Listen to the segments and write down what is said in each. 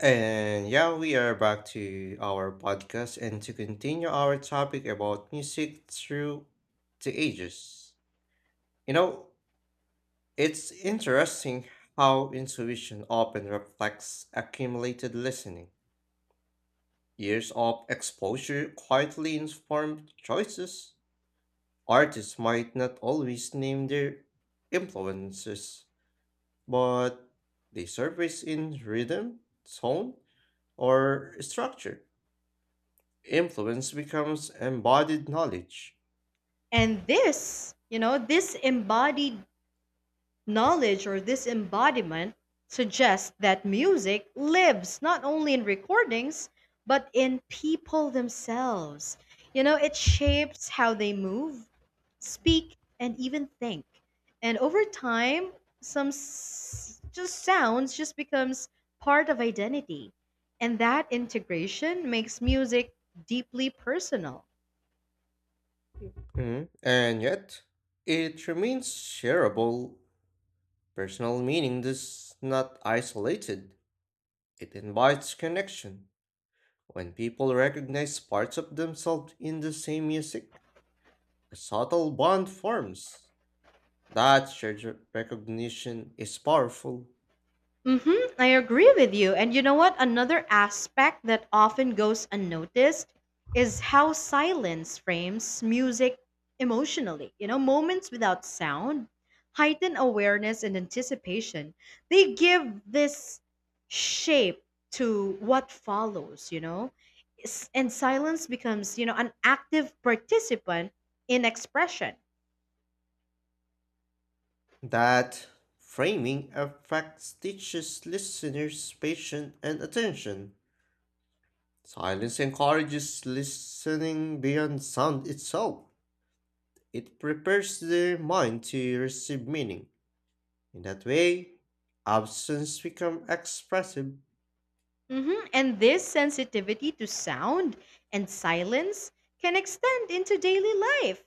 And yeah, we are back to our podcast and to continue our topic about music through the ages. You know, it's interesting how intuition often reflects accumulated listening. Years of exposure quietly informed choices. Artists might not always name their influences, but they surface in rhythm, tone, or structure. Influence becomes embodied knowledge. And this, you know, this embodied knowledge or this embodiment suggests that music lives not only in recordings, but in people themselves. You know, it shapes how they move, speak, and even think. And over time, some s- just sounds just becomes part of identity. And that integration makes music deeply personal. Mhm. And yet, it remains shareable. Personal meaning is not isolated, it invites connection. When people recognize parts of themselves in the same music, a subtle bond forms. That shared recognition is powerful. Mm-hmm, I agree with you. And you know what? Another aspect that often goes unnoticed is how silence frames music emotionally. You know, moments without sound heighten awareness and anticipation. They give this shape to what follows. And silence becomes, you know, an active participant in expression. That framing affects teaches listeners' patience and attention. Silence encourages listening beyond sound itself. It prepares the mind to receive meaning. In that way, absence becomes expressive. And this sensitivity to sound and silence can extend into daily life.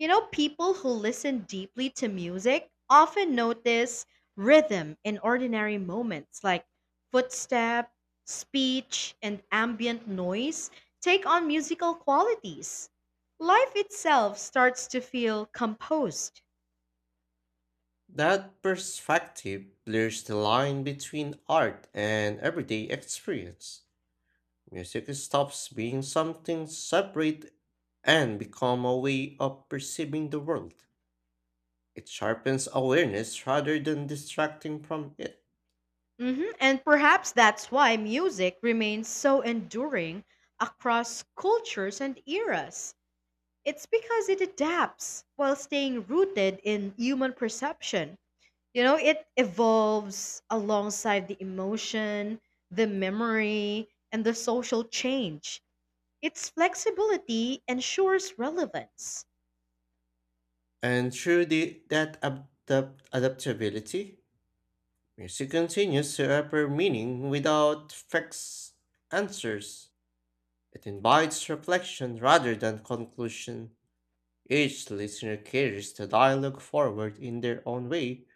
You know, people who listen deeply to music often notice rhythm in ordinary moments like footstep, speech, and ambient noise take on musical qualities. Life itself starts to feel composed. That perspective blurs the line between art and everyday experience. Music stops being something separate and become a way of perceiving the world. It sharpens awareness rather than distracting from it. And perhaps that's why music remains so enduring across cultures and eras. It's because it adapts while staying rooted in human perception. You know, it evolves alongside the emotion, the memory, and the social change. Its flexibility ensures relevance. And through adaptability, music continues to offer meaning without fixed answers. It invites reflection rather than conclusion. Each listener carries the dialogue forward in their own way.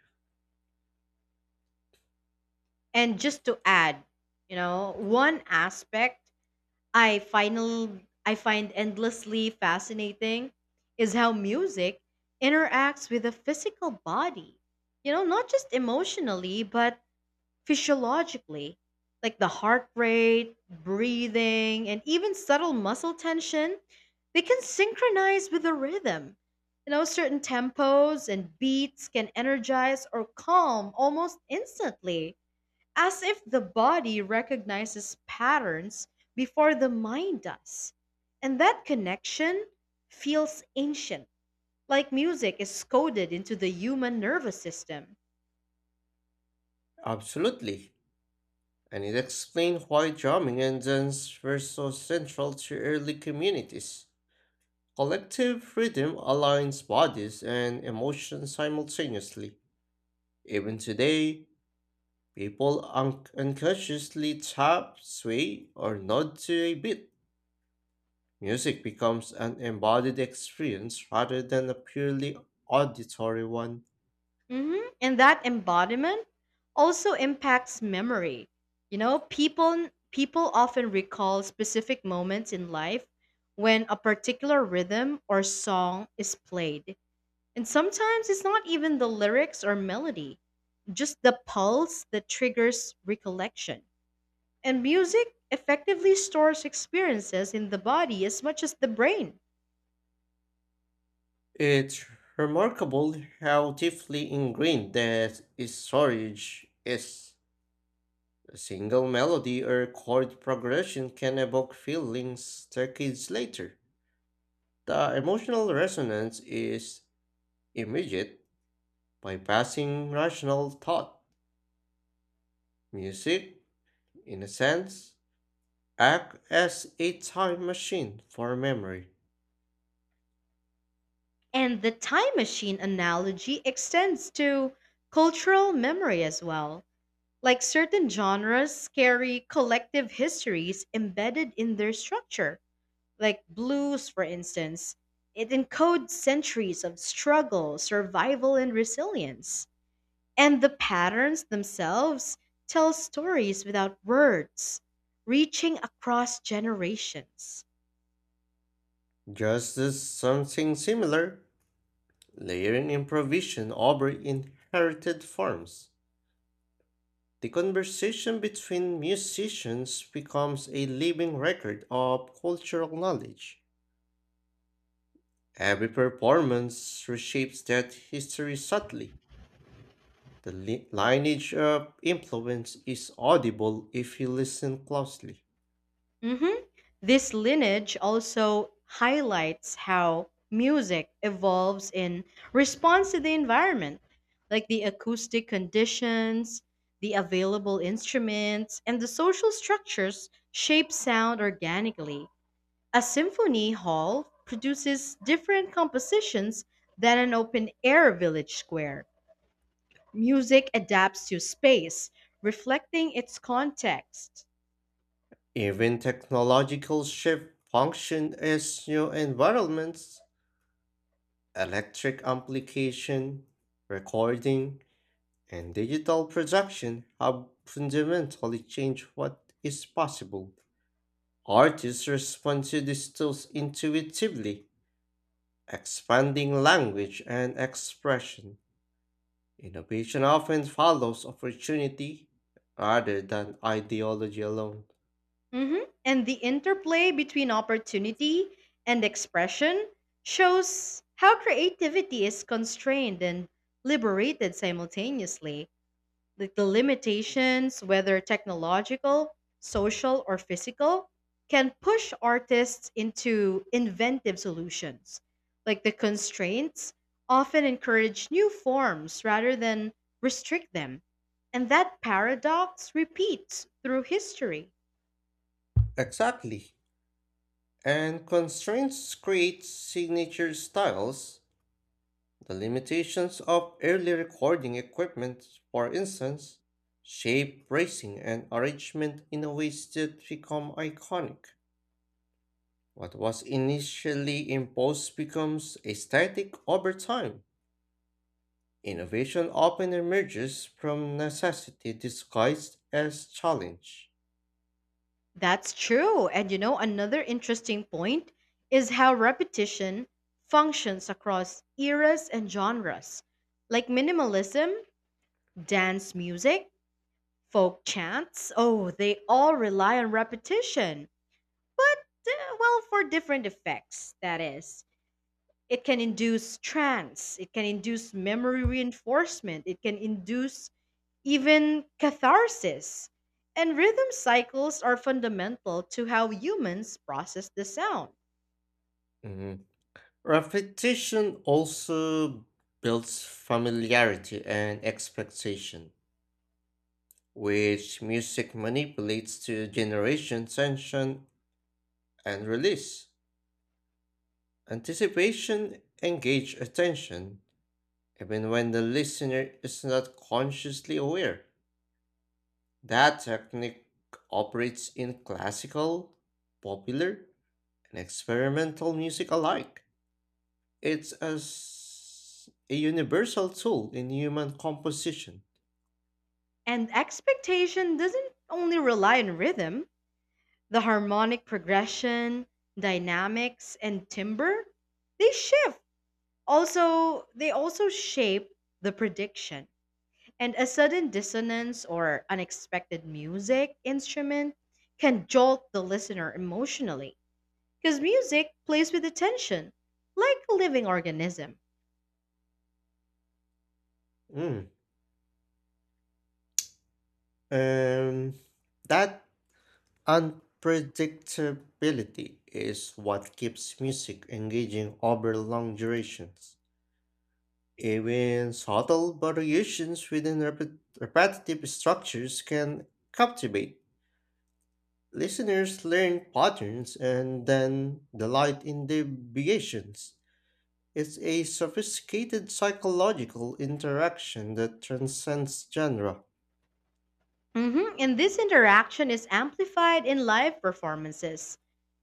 And just to add, you know, one aspect I final I find endlessly fascinating is how music interacts with the physical body. You know, not just emotionally, but physiologically, like the heart rate, breathing, and even subtle muscle tension, they can synchronize with the rhythm. You know, certain tempos and beats can energize or calm almost instantly as if the body recognizes patterns before the mind does. And that connection feels ancient, like music is coded into the human nervous system. Absolutely, and it explains why drumming and dance were so central to early communities. Collective rhythm aligns bodies and emotions simultaneously. Even today, people unconsciously tap, sway, or nod to a beat. Music becomes an embodied experience rather than a purely auditory one. Mhm. And that embodiment also impacts memory. You know, people often recall specific moments in life when a particular rhythm or song is played. And sometimes it's not even the lyrics or melody, just the pulse that triggers recollection. And music effectively stores experiences in the body as much as the brain. It's remarkable how deeply ingrained that storage is. A single melody or chord progression can evoke feelings decades later. The emotional resonance is immediate, bypassing rational thought. Music, in a sense, act as a time machine for memory. And the time machine analogy extends to cultural memory as well. Like certain genres carry collective histories embedded in their structure. Like blues, for instance, it encodes centuries of struggle, survival, and resilience. And the patterns themselves tell stories without words, reaching across generations. Just as something similar, layering improvisation over inherited forms. The conversation between musicians becomes a living record of cultural knowledge. Every performance reshapes that history subtly. The lineage of influence is audible if you listen closely. Mhm. This lineage also highlights how music evolves in response to the environment, like the acoustic conditions, the available instruments, and the social structures shape sound organically. A symphony hall produces different compositions than an open air village square. Music adapts to space, reflecting its context. Even technological shift function as new environments, electric amplification, recording, and digital production have fundamentally changed what is possible. Artists respond to these tools intuitively, expanding language and expression. Innovation often follows opportunity rather than ideology alone. Mhm. And the interplay between opportunity and expression shows how creativity is constrained and liberated simultaneously. The limitations, whether technological, social, or physical, can push artists into inventive solutions. Like the constraints often encourage new forms rather than restrict them. And that paradox repeats through history. Exactly. And constraints create signature styles. The limitations of early recording equipment, for instance, shape bracing and arrangement in a ways that become iconic. What was initially imposed becomes aesthetic over time. Innovation often emerges from necessity disguised as challenge. That's true. And you know, another interesting point is how repetition functions across eras and genres. Like minimalism, dance music, folk chants, oh, they all rely on repetition, but well, for different effects, that is. It can induce trance, it can induce memory reinforcement, it can induce even catharsis. And rhythm cycles are fundamental to how humans process the sound. Mm, Repetition also builds familiarity and expectation, which music manipulates to generation tension and release. Anticipation engage attention, even when the listener is not consciously aware. That technique operates in classical, popular, and experimental music alike. It's as a universal tool in human composition. And expectation doesn't only rely on rhythm, the harmonic progression, dynamics, and timbre, they shift they also shape the prediction. And a sudden dissonance or unexpected music instrument can jolt the listener emotionally because music plays with attention, like a living organism. Mm. Um, that unpredictability is what keeps music engaging over long durations. Even subtle variations within repetitive structures can captivate. Listeners learn patterns and then delight in deviations. It's a sophisticated psychological interaction that transcends genre. And this interaction is amplified in live performances.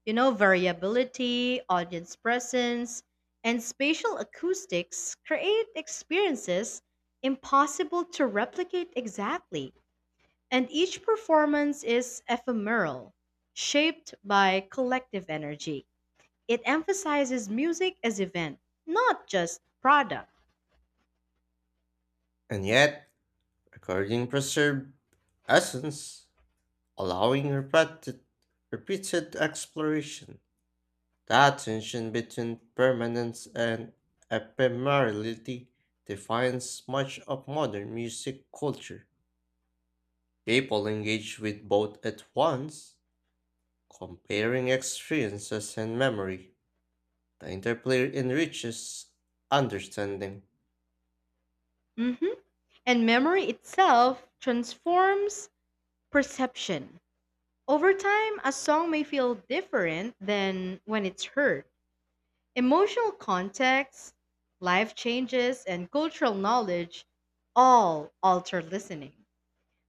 You know, variability, audience presence, and spatial acoustics create experiences impossible to replicate exactly. And each performance is ephemeral, shaped by collective energy. It emphasizes music as event, not just product. And yet, recording preserved essence, allowing repeated exploration. That tension between permanence and ephemerality defines much of modern music culture. People engage with both at once, comparing experiences and memory. The interplay enriches understanding. Mhm. And memory itself transforms perception. Over time, a song may feel different than when it's heard. Emotional context, life changes, and cultural knowledge all alter listening.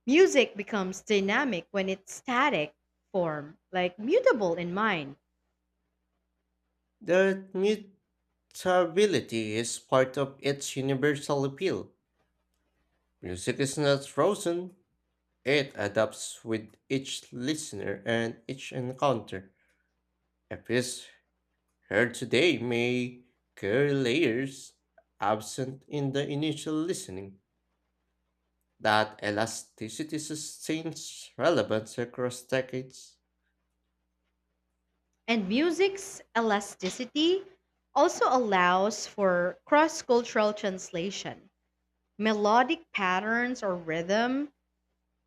Music becomes dynamic when it's static form, like mutable in mind. The mutability is part of its universal appeal. Music is not frozen, it adapts with each listener and each encounter. A piece heard today may carry layers absent in the initial listening. That elasticity sustains relevance across decades. And music's elasticity also allows for cross cultural translation. Melodic patterns or rhythm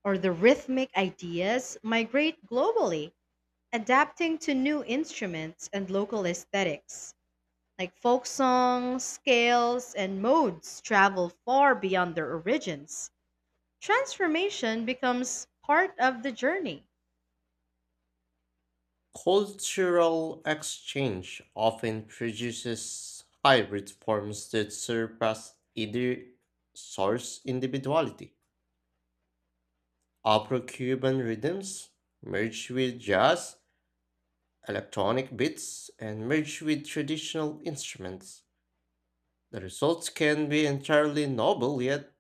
or the rhythmic ideas migrate globally, adapting to new instruments and local aesthetics. Like folk songs, scales, and modes travel far beyond their origins. Transformation becomes part of the journey. Cultural exchange often produces hybrid forms that surpass either source individuality. Afro Cuban rhythms merge with jazz, electronic beats, and merge with traditional instruments. The results can be entirely novel yet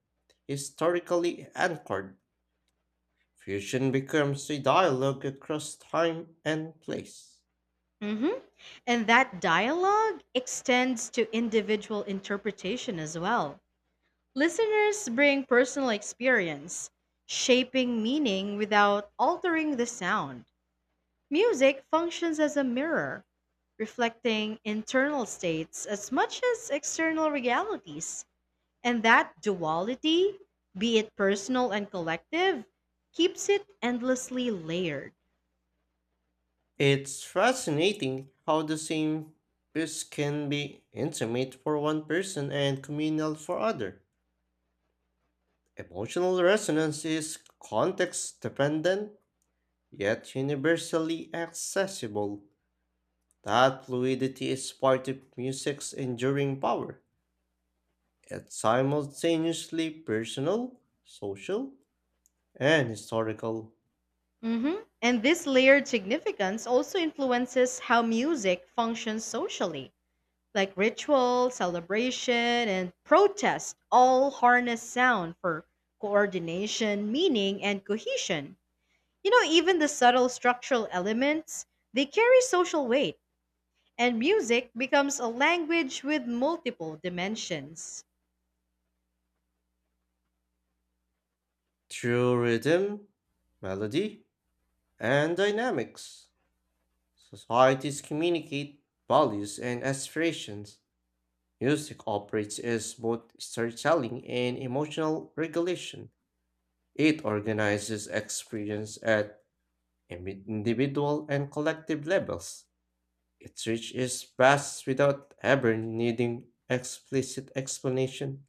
historically anchored. Fusion becomes a dialogue across time and place. Mhm. And that dialogue extends to individual interpretation as well. Listeners bring personal experience, shaping meaning without altering the sound. Music functions as a mirror, reflecting internal states as much as external realities. And that duality, be it personal and collective, keeps it endlessly layered. It's fascinating how the same piece can be intimate for one person and communal for other. Emotional resonance is context dependent yet universally accessible. That fluidity is part of music's enduring power. It's simultaneously personal, social, and historical hmm And this layered significance also influences how music functions socially, like ritual, celebration, and protest all harness sound for coordination, meaning, and cohesion. You know, even the subtle structural elements, they carry social weight, and music becomes a language with multiple dimensions. through rhythm, melody, and dynamics. Societies communicate values and aspirations. Music operates as both storytelling and emotional regulation. It organizes experience at individual and collective levels. Its reach is vast without ever needing explicit explanation.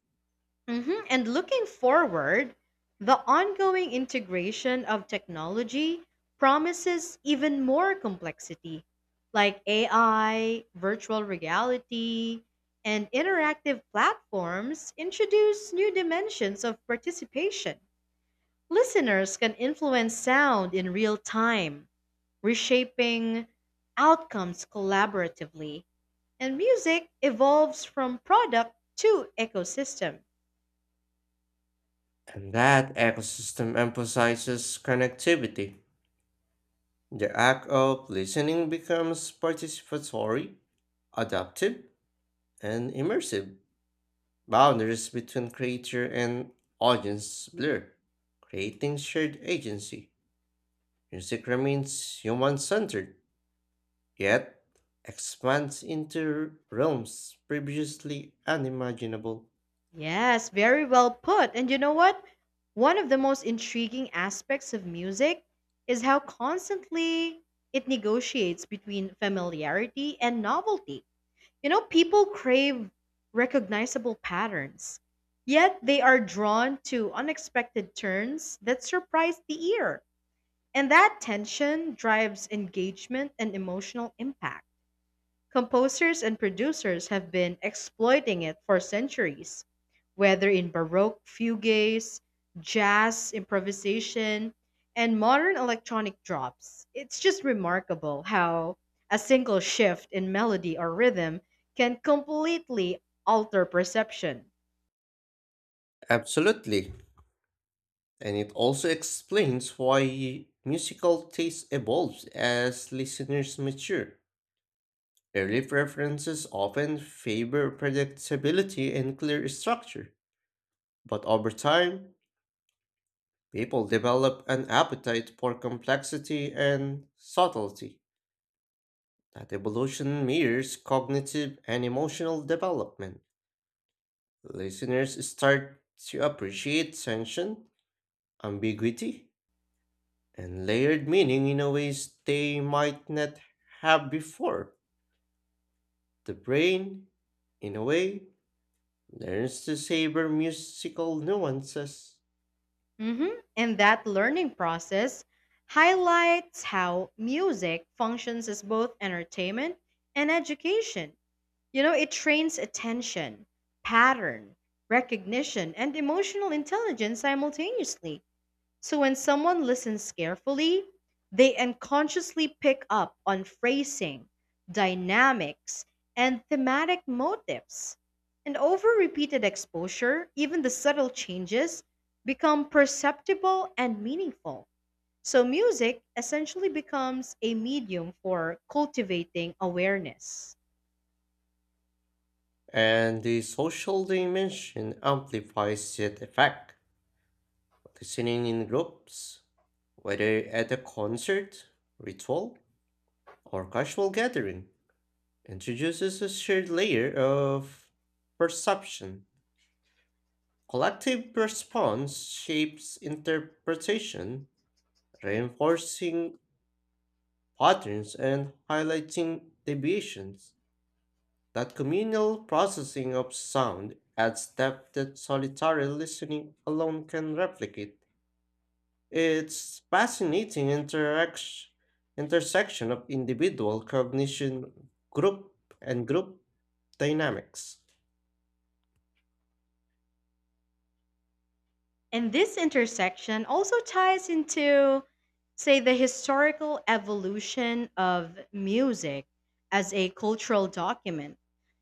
Mhm. And looking forward, the ongoing integration of technology promises even more complexity, like AI, virtual reality, and interactive platforms introduce new dimensions of participation. Listeners can influence sound in real time, reshaping outcomes collaboratively, and music evolves from product to ecosystem. And that ecosystem emphasizes connectivity. The act of listening becomes participatory, adaptive, and immersive. Boundaries between creator and audience blur, creating shared agency. Music remains human centered, yet expands into realms previously unimaginable. Yes, very well put. And you know what? One of the most intriguing aspects of music is how constantly it negotiates between familiarity and novelty. You know, people crave recognizable patterns, yet they are drawn to unexpected turns that surprise the ear. And that tension drives engagement and emotional impact. Composers and producers have been exploiting it for centuries, whether in Baroque fugues, jazz improvisation, and modern electronic drops. It's just remarkable how a single shift in melody or rhythm can completely alter perception. Absolutely. And it also explains why musical taste evolves as listeners mature. Early preferences often favor predictability and clear structure, but over time, people develop an appetite for complexity and subtlety. That evolution mirrors cognitive and emotional development. Listeners start to appreciate tension, ambiguity, and layered meaning in a ways they might not have before. The brain, in a way, learns to savor musical nuances, Mhm. And that learning process highlights how music functions as both entertainment and education. You know, it trains attention, pattern, recognition, and emotional intelligence simultaneously. So when someone listens carefully, they unconsciously pick up on phrasing, dynamics, and thematic motifs. And over repeated exposure, even the subtle changes become perceptible and meaningful. So music essentially becomes a medium for cultivating awareness. and the social dimension amplifies that effect. Listening in groups, whether at a concert, ritual, or casual gathering, introduces a shared layer of perception. Collective response shapes interpretation, reinforcing patterns and highlighting deviations. That communal processing of sound adds depth that solitary listening alone can replicate. It's fascinating interaction, intersection of individual cognition, group dynamics. And this intersection also ties into, say, the historical evolution of music as a cultural document.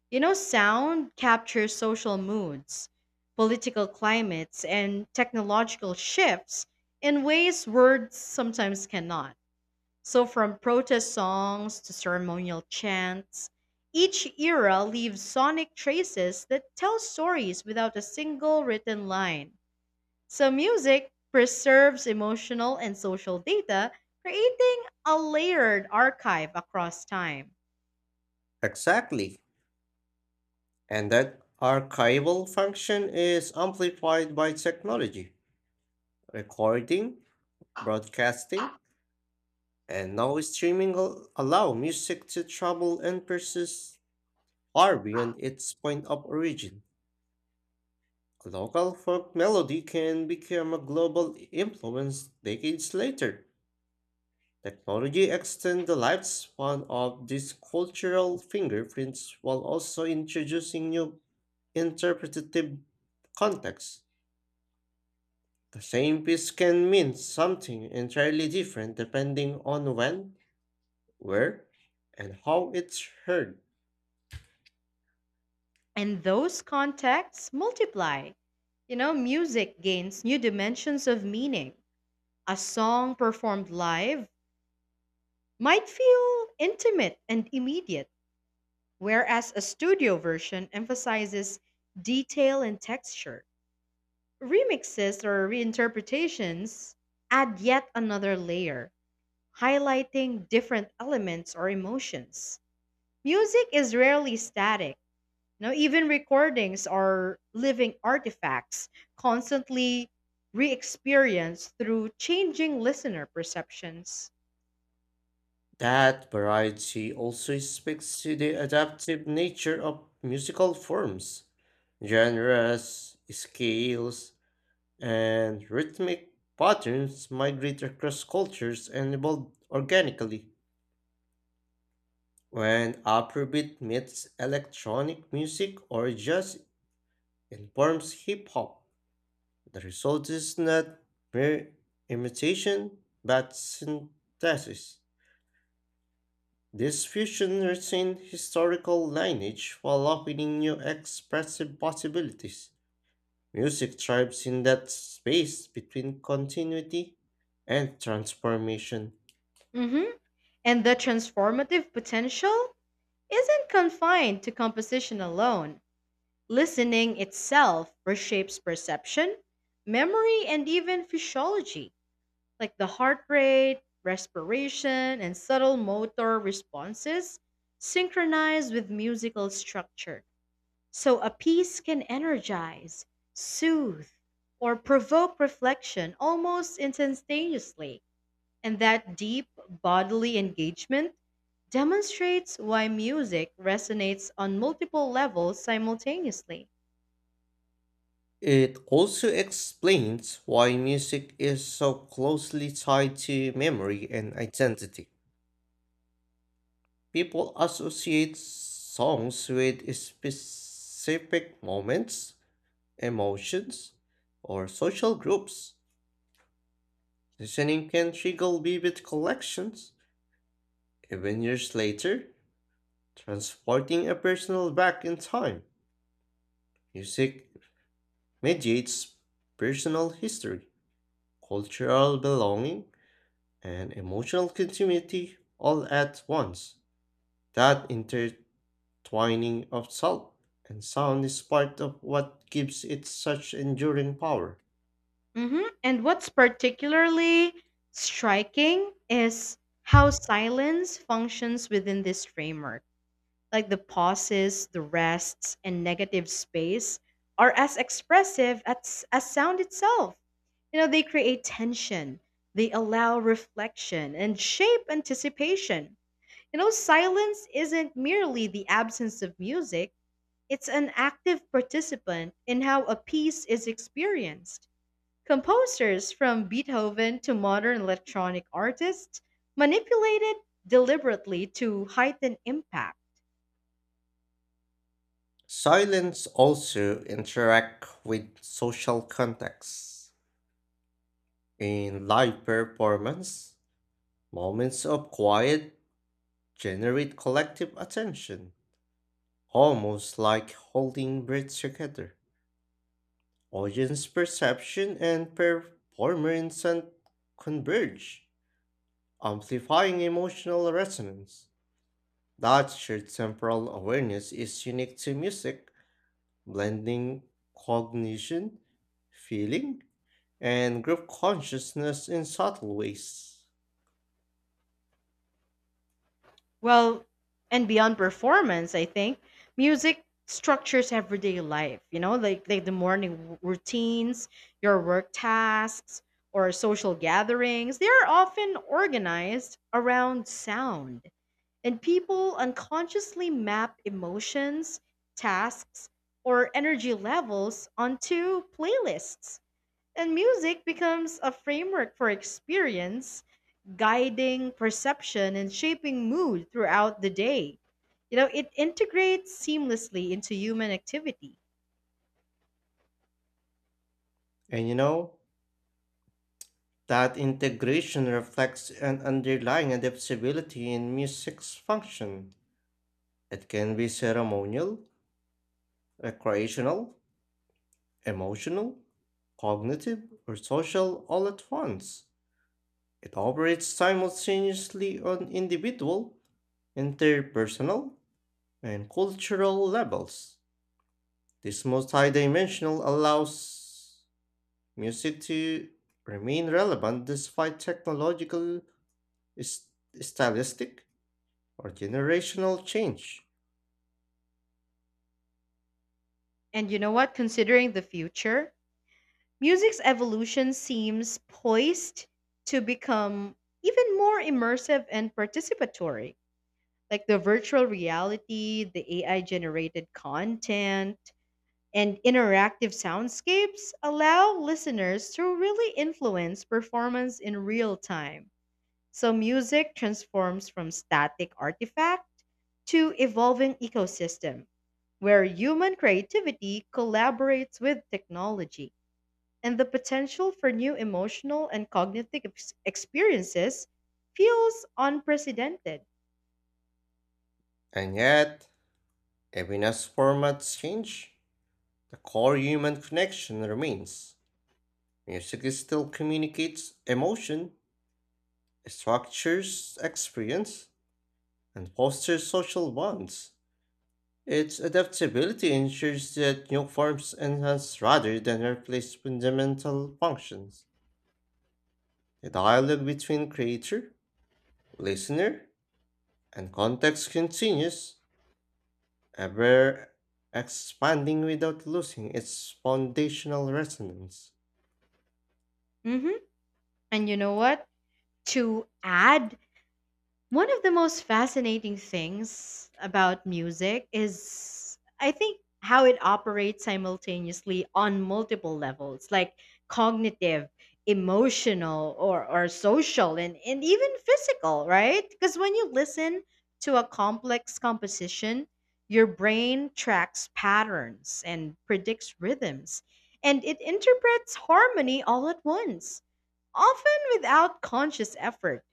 You know, sound captures social moods, political climates, and technological shifts in ways words sometimes cannot. So, from protest songs to ceremonial chants, each era leaves sonic traces that tell stories without a single written line. So, music preserves emotional and social data, creating a layered archive across time. Exactly. And that archival function is amplified by technology. Recording, broadcasting, and now streaming allow music to travel and persist far beyond its point of origin. A local folk melody can become a global influence decades later. Technology extends the lifespan of these cultural fingerprints while also introducing new interpretative contexts. The same piece can mean something entirely different depending on when, where, and how it's heard. And those contexts multiply. You know, music gains new dimensions of meaning. A song performed live might feel intimate and immediate, whereas a studio version emphasizes detail and texture. Remixes or reinterpretations add yet another layer highlighting different elements or emotions. Music is rarely static. Now, even recordings are living artifacts, constantly re experienced through changing listener perceptions. That variety also speaks to the adaptive nature of musical forms, genres, scales, and rhythmic patterns migrate across cultures and evolve organically. When Afrobeat meets electronic music or jazz informs hip hop, the result is not mere imitation but synthesis. This fusion retained historical lineage while opening new expressive possibilities. Music thrives in that space between continuity and transformation. Mhm. And the transformative potential isn't confined to composition alone. Listening itself reshapes perception, memory, and even physiology. Like the heart rate, respiration, and subtle motor responses synchronize with musical structure. So a piece can energize, soothe, or provoke reflection almost instantaneously. And that deep bodily engagement demonstrates why music resonates on multiple levels simultaneously. It also explains why music is so closely tied to memory and identity. People associate songs with specific moments, emotions, or social groups. Listening can trigger vivid collections. Even years later, transporting a personal back in time. Music mediates personal history, cultural belonging, and emotional continuity all at once. That intertwining of salt and sound is part of what gives it such enduring power. And what's particularly striking is how silence functions within this framework. Like the pauses, the rests, and negative space are as expressive as sound itself. You know, they create tension, they allow reflection, and shape anticipation. You know, silence isn't merely the absence of music, it's an active participant in how a piece is experienced. Composers from Beethoven to modern electronic artists manipulated deliberately to heighten impact. Silence also interact with social contexts. In live performance, moments of quiet generate collective attention, almost like holding breath together. Audience perception and performer instant converge, amplifying emotional resonance. That shared temporal awareness is unique to music, blending cognition, feeling, and group consciousness in subtle ways. Well, and beyond performance, I think music structures everyday life, you know, like the routines, your work tasks, or social gatherings. They are often organized around sound. And people unconsciously map emotions, tasks, or energy levels onto playlists. And music becomes a framework for experience, guiding perception and shaping mood throughout the day. You know, it integrates seamlessly into human activity. And you know, that integration reflects an underlying adaptability in music's function. It can be ceremonial, recreational, emotional, cognitive, or social all at once. It operates simultaneously on individual, interpersonal, and cultural levels. This multidimensional allows music to remain relevant despite technological st- stylistic or generational change. And you know what? Considering the future, music's evolution seems poised to become even more immersive and participatory like the virtual reality, the AI generated content, and interactive soundscapes allow listeners to really influence performance in real time. So music transforms from static artifact to evolving ecosystem where human creativity collaborates with technology and the potential for new emotional and cognitive experiences feels unprecedented. And yet, even as formats change, the core human connection remains. Music still communicates emotion, structures experience, and fosters social bonds. Its adaptability ensures that new forms enhance rather than replace fundamental functions. The dialogue between creator, listener, and context continues ever expanding without losing its foundational resonance. Mhm. And you know what? To add, one of the most fascinating things about music is, I think, how it operates simultaneously on multiple levels, like cognitive, emotional, or social, and even physical, right? Because when you listen to a complex composition, your brain tracks patterns and predicts rhythms, and it interprets harmony all at once, often without conscious effort.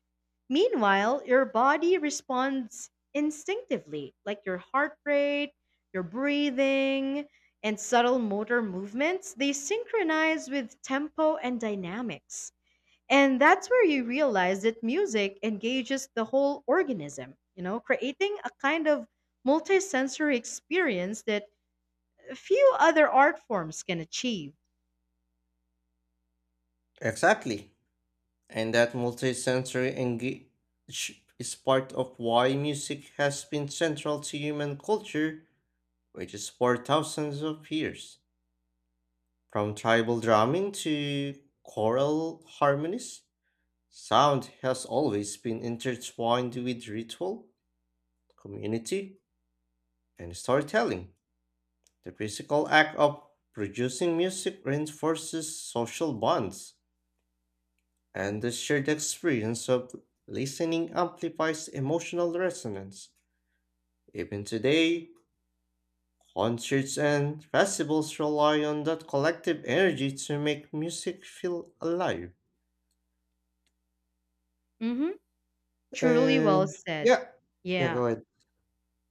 Meanwhile, your body responds instinctively, like your heart rate, your breathing, and subtle motor movements, they synchronize with tempo and dynamics. And that's where you realize that music engages the whole organism, you know, creating a kind of multisensory experience that few other art forms can achieve. Exactly. And that multisensory engage is part of why music has been central to human culture, which is for thousands of years. From tribal drumming to choral harmonies, sound has always been intertwined with ritual, community, and storytelling. The physical act of producing music reinforces social bonds, and the shared experience of listening amplifies emotional resonance. Even today, concerts and festivals rely on that collective energy to make music feel alive. hmm Truly well And said. yeah, yeah, Yeah. go ahead.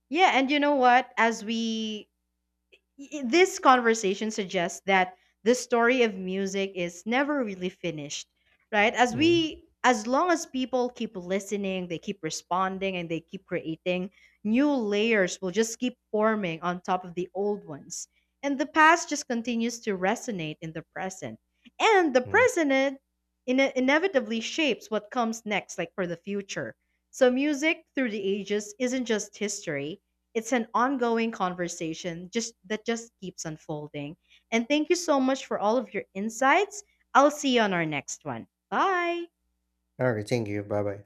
Yeah, and you know what? This conversation suggests that the story of music is never really finished, right? as Mm-hmm. we as long as people keep listening, they keep responding, and they keep creating, new layers will just keep forming on top of the old ones, and the past just continues to resonate in the present, and the Mm-hmm. present inevitably shapes what comes next, like for the future. So music through the ages isn't just history, it's an ongoing conversation just that just keeps unfolding. And thank you so much for all of your insights. I'll see you on our next one. Bye. All right, thank you. Bye bye.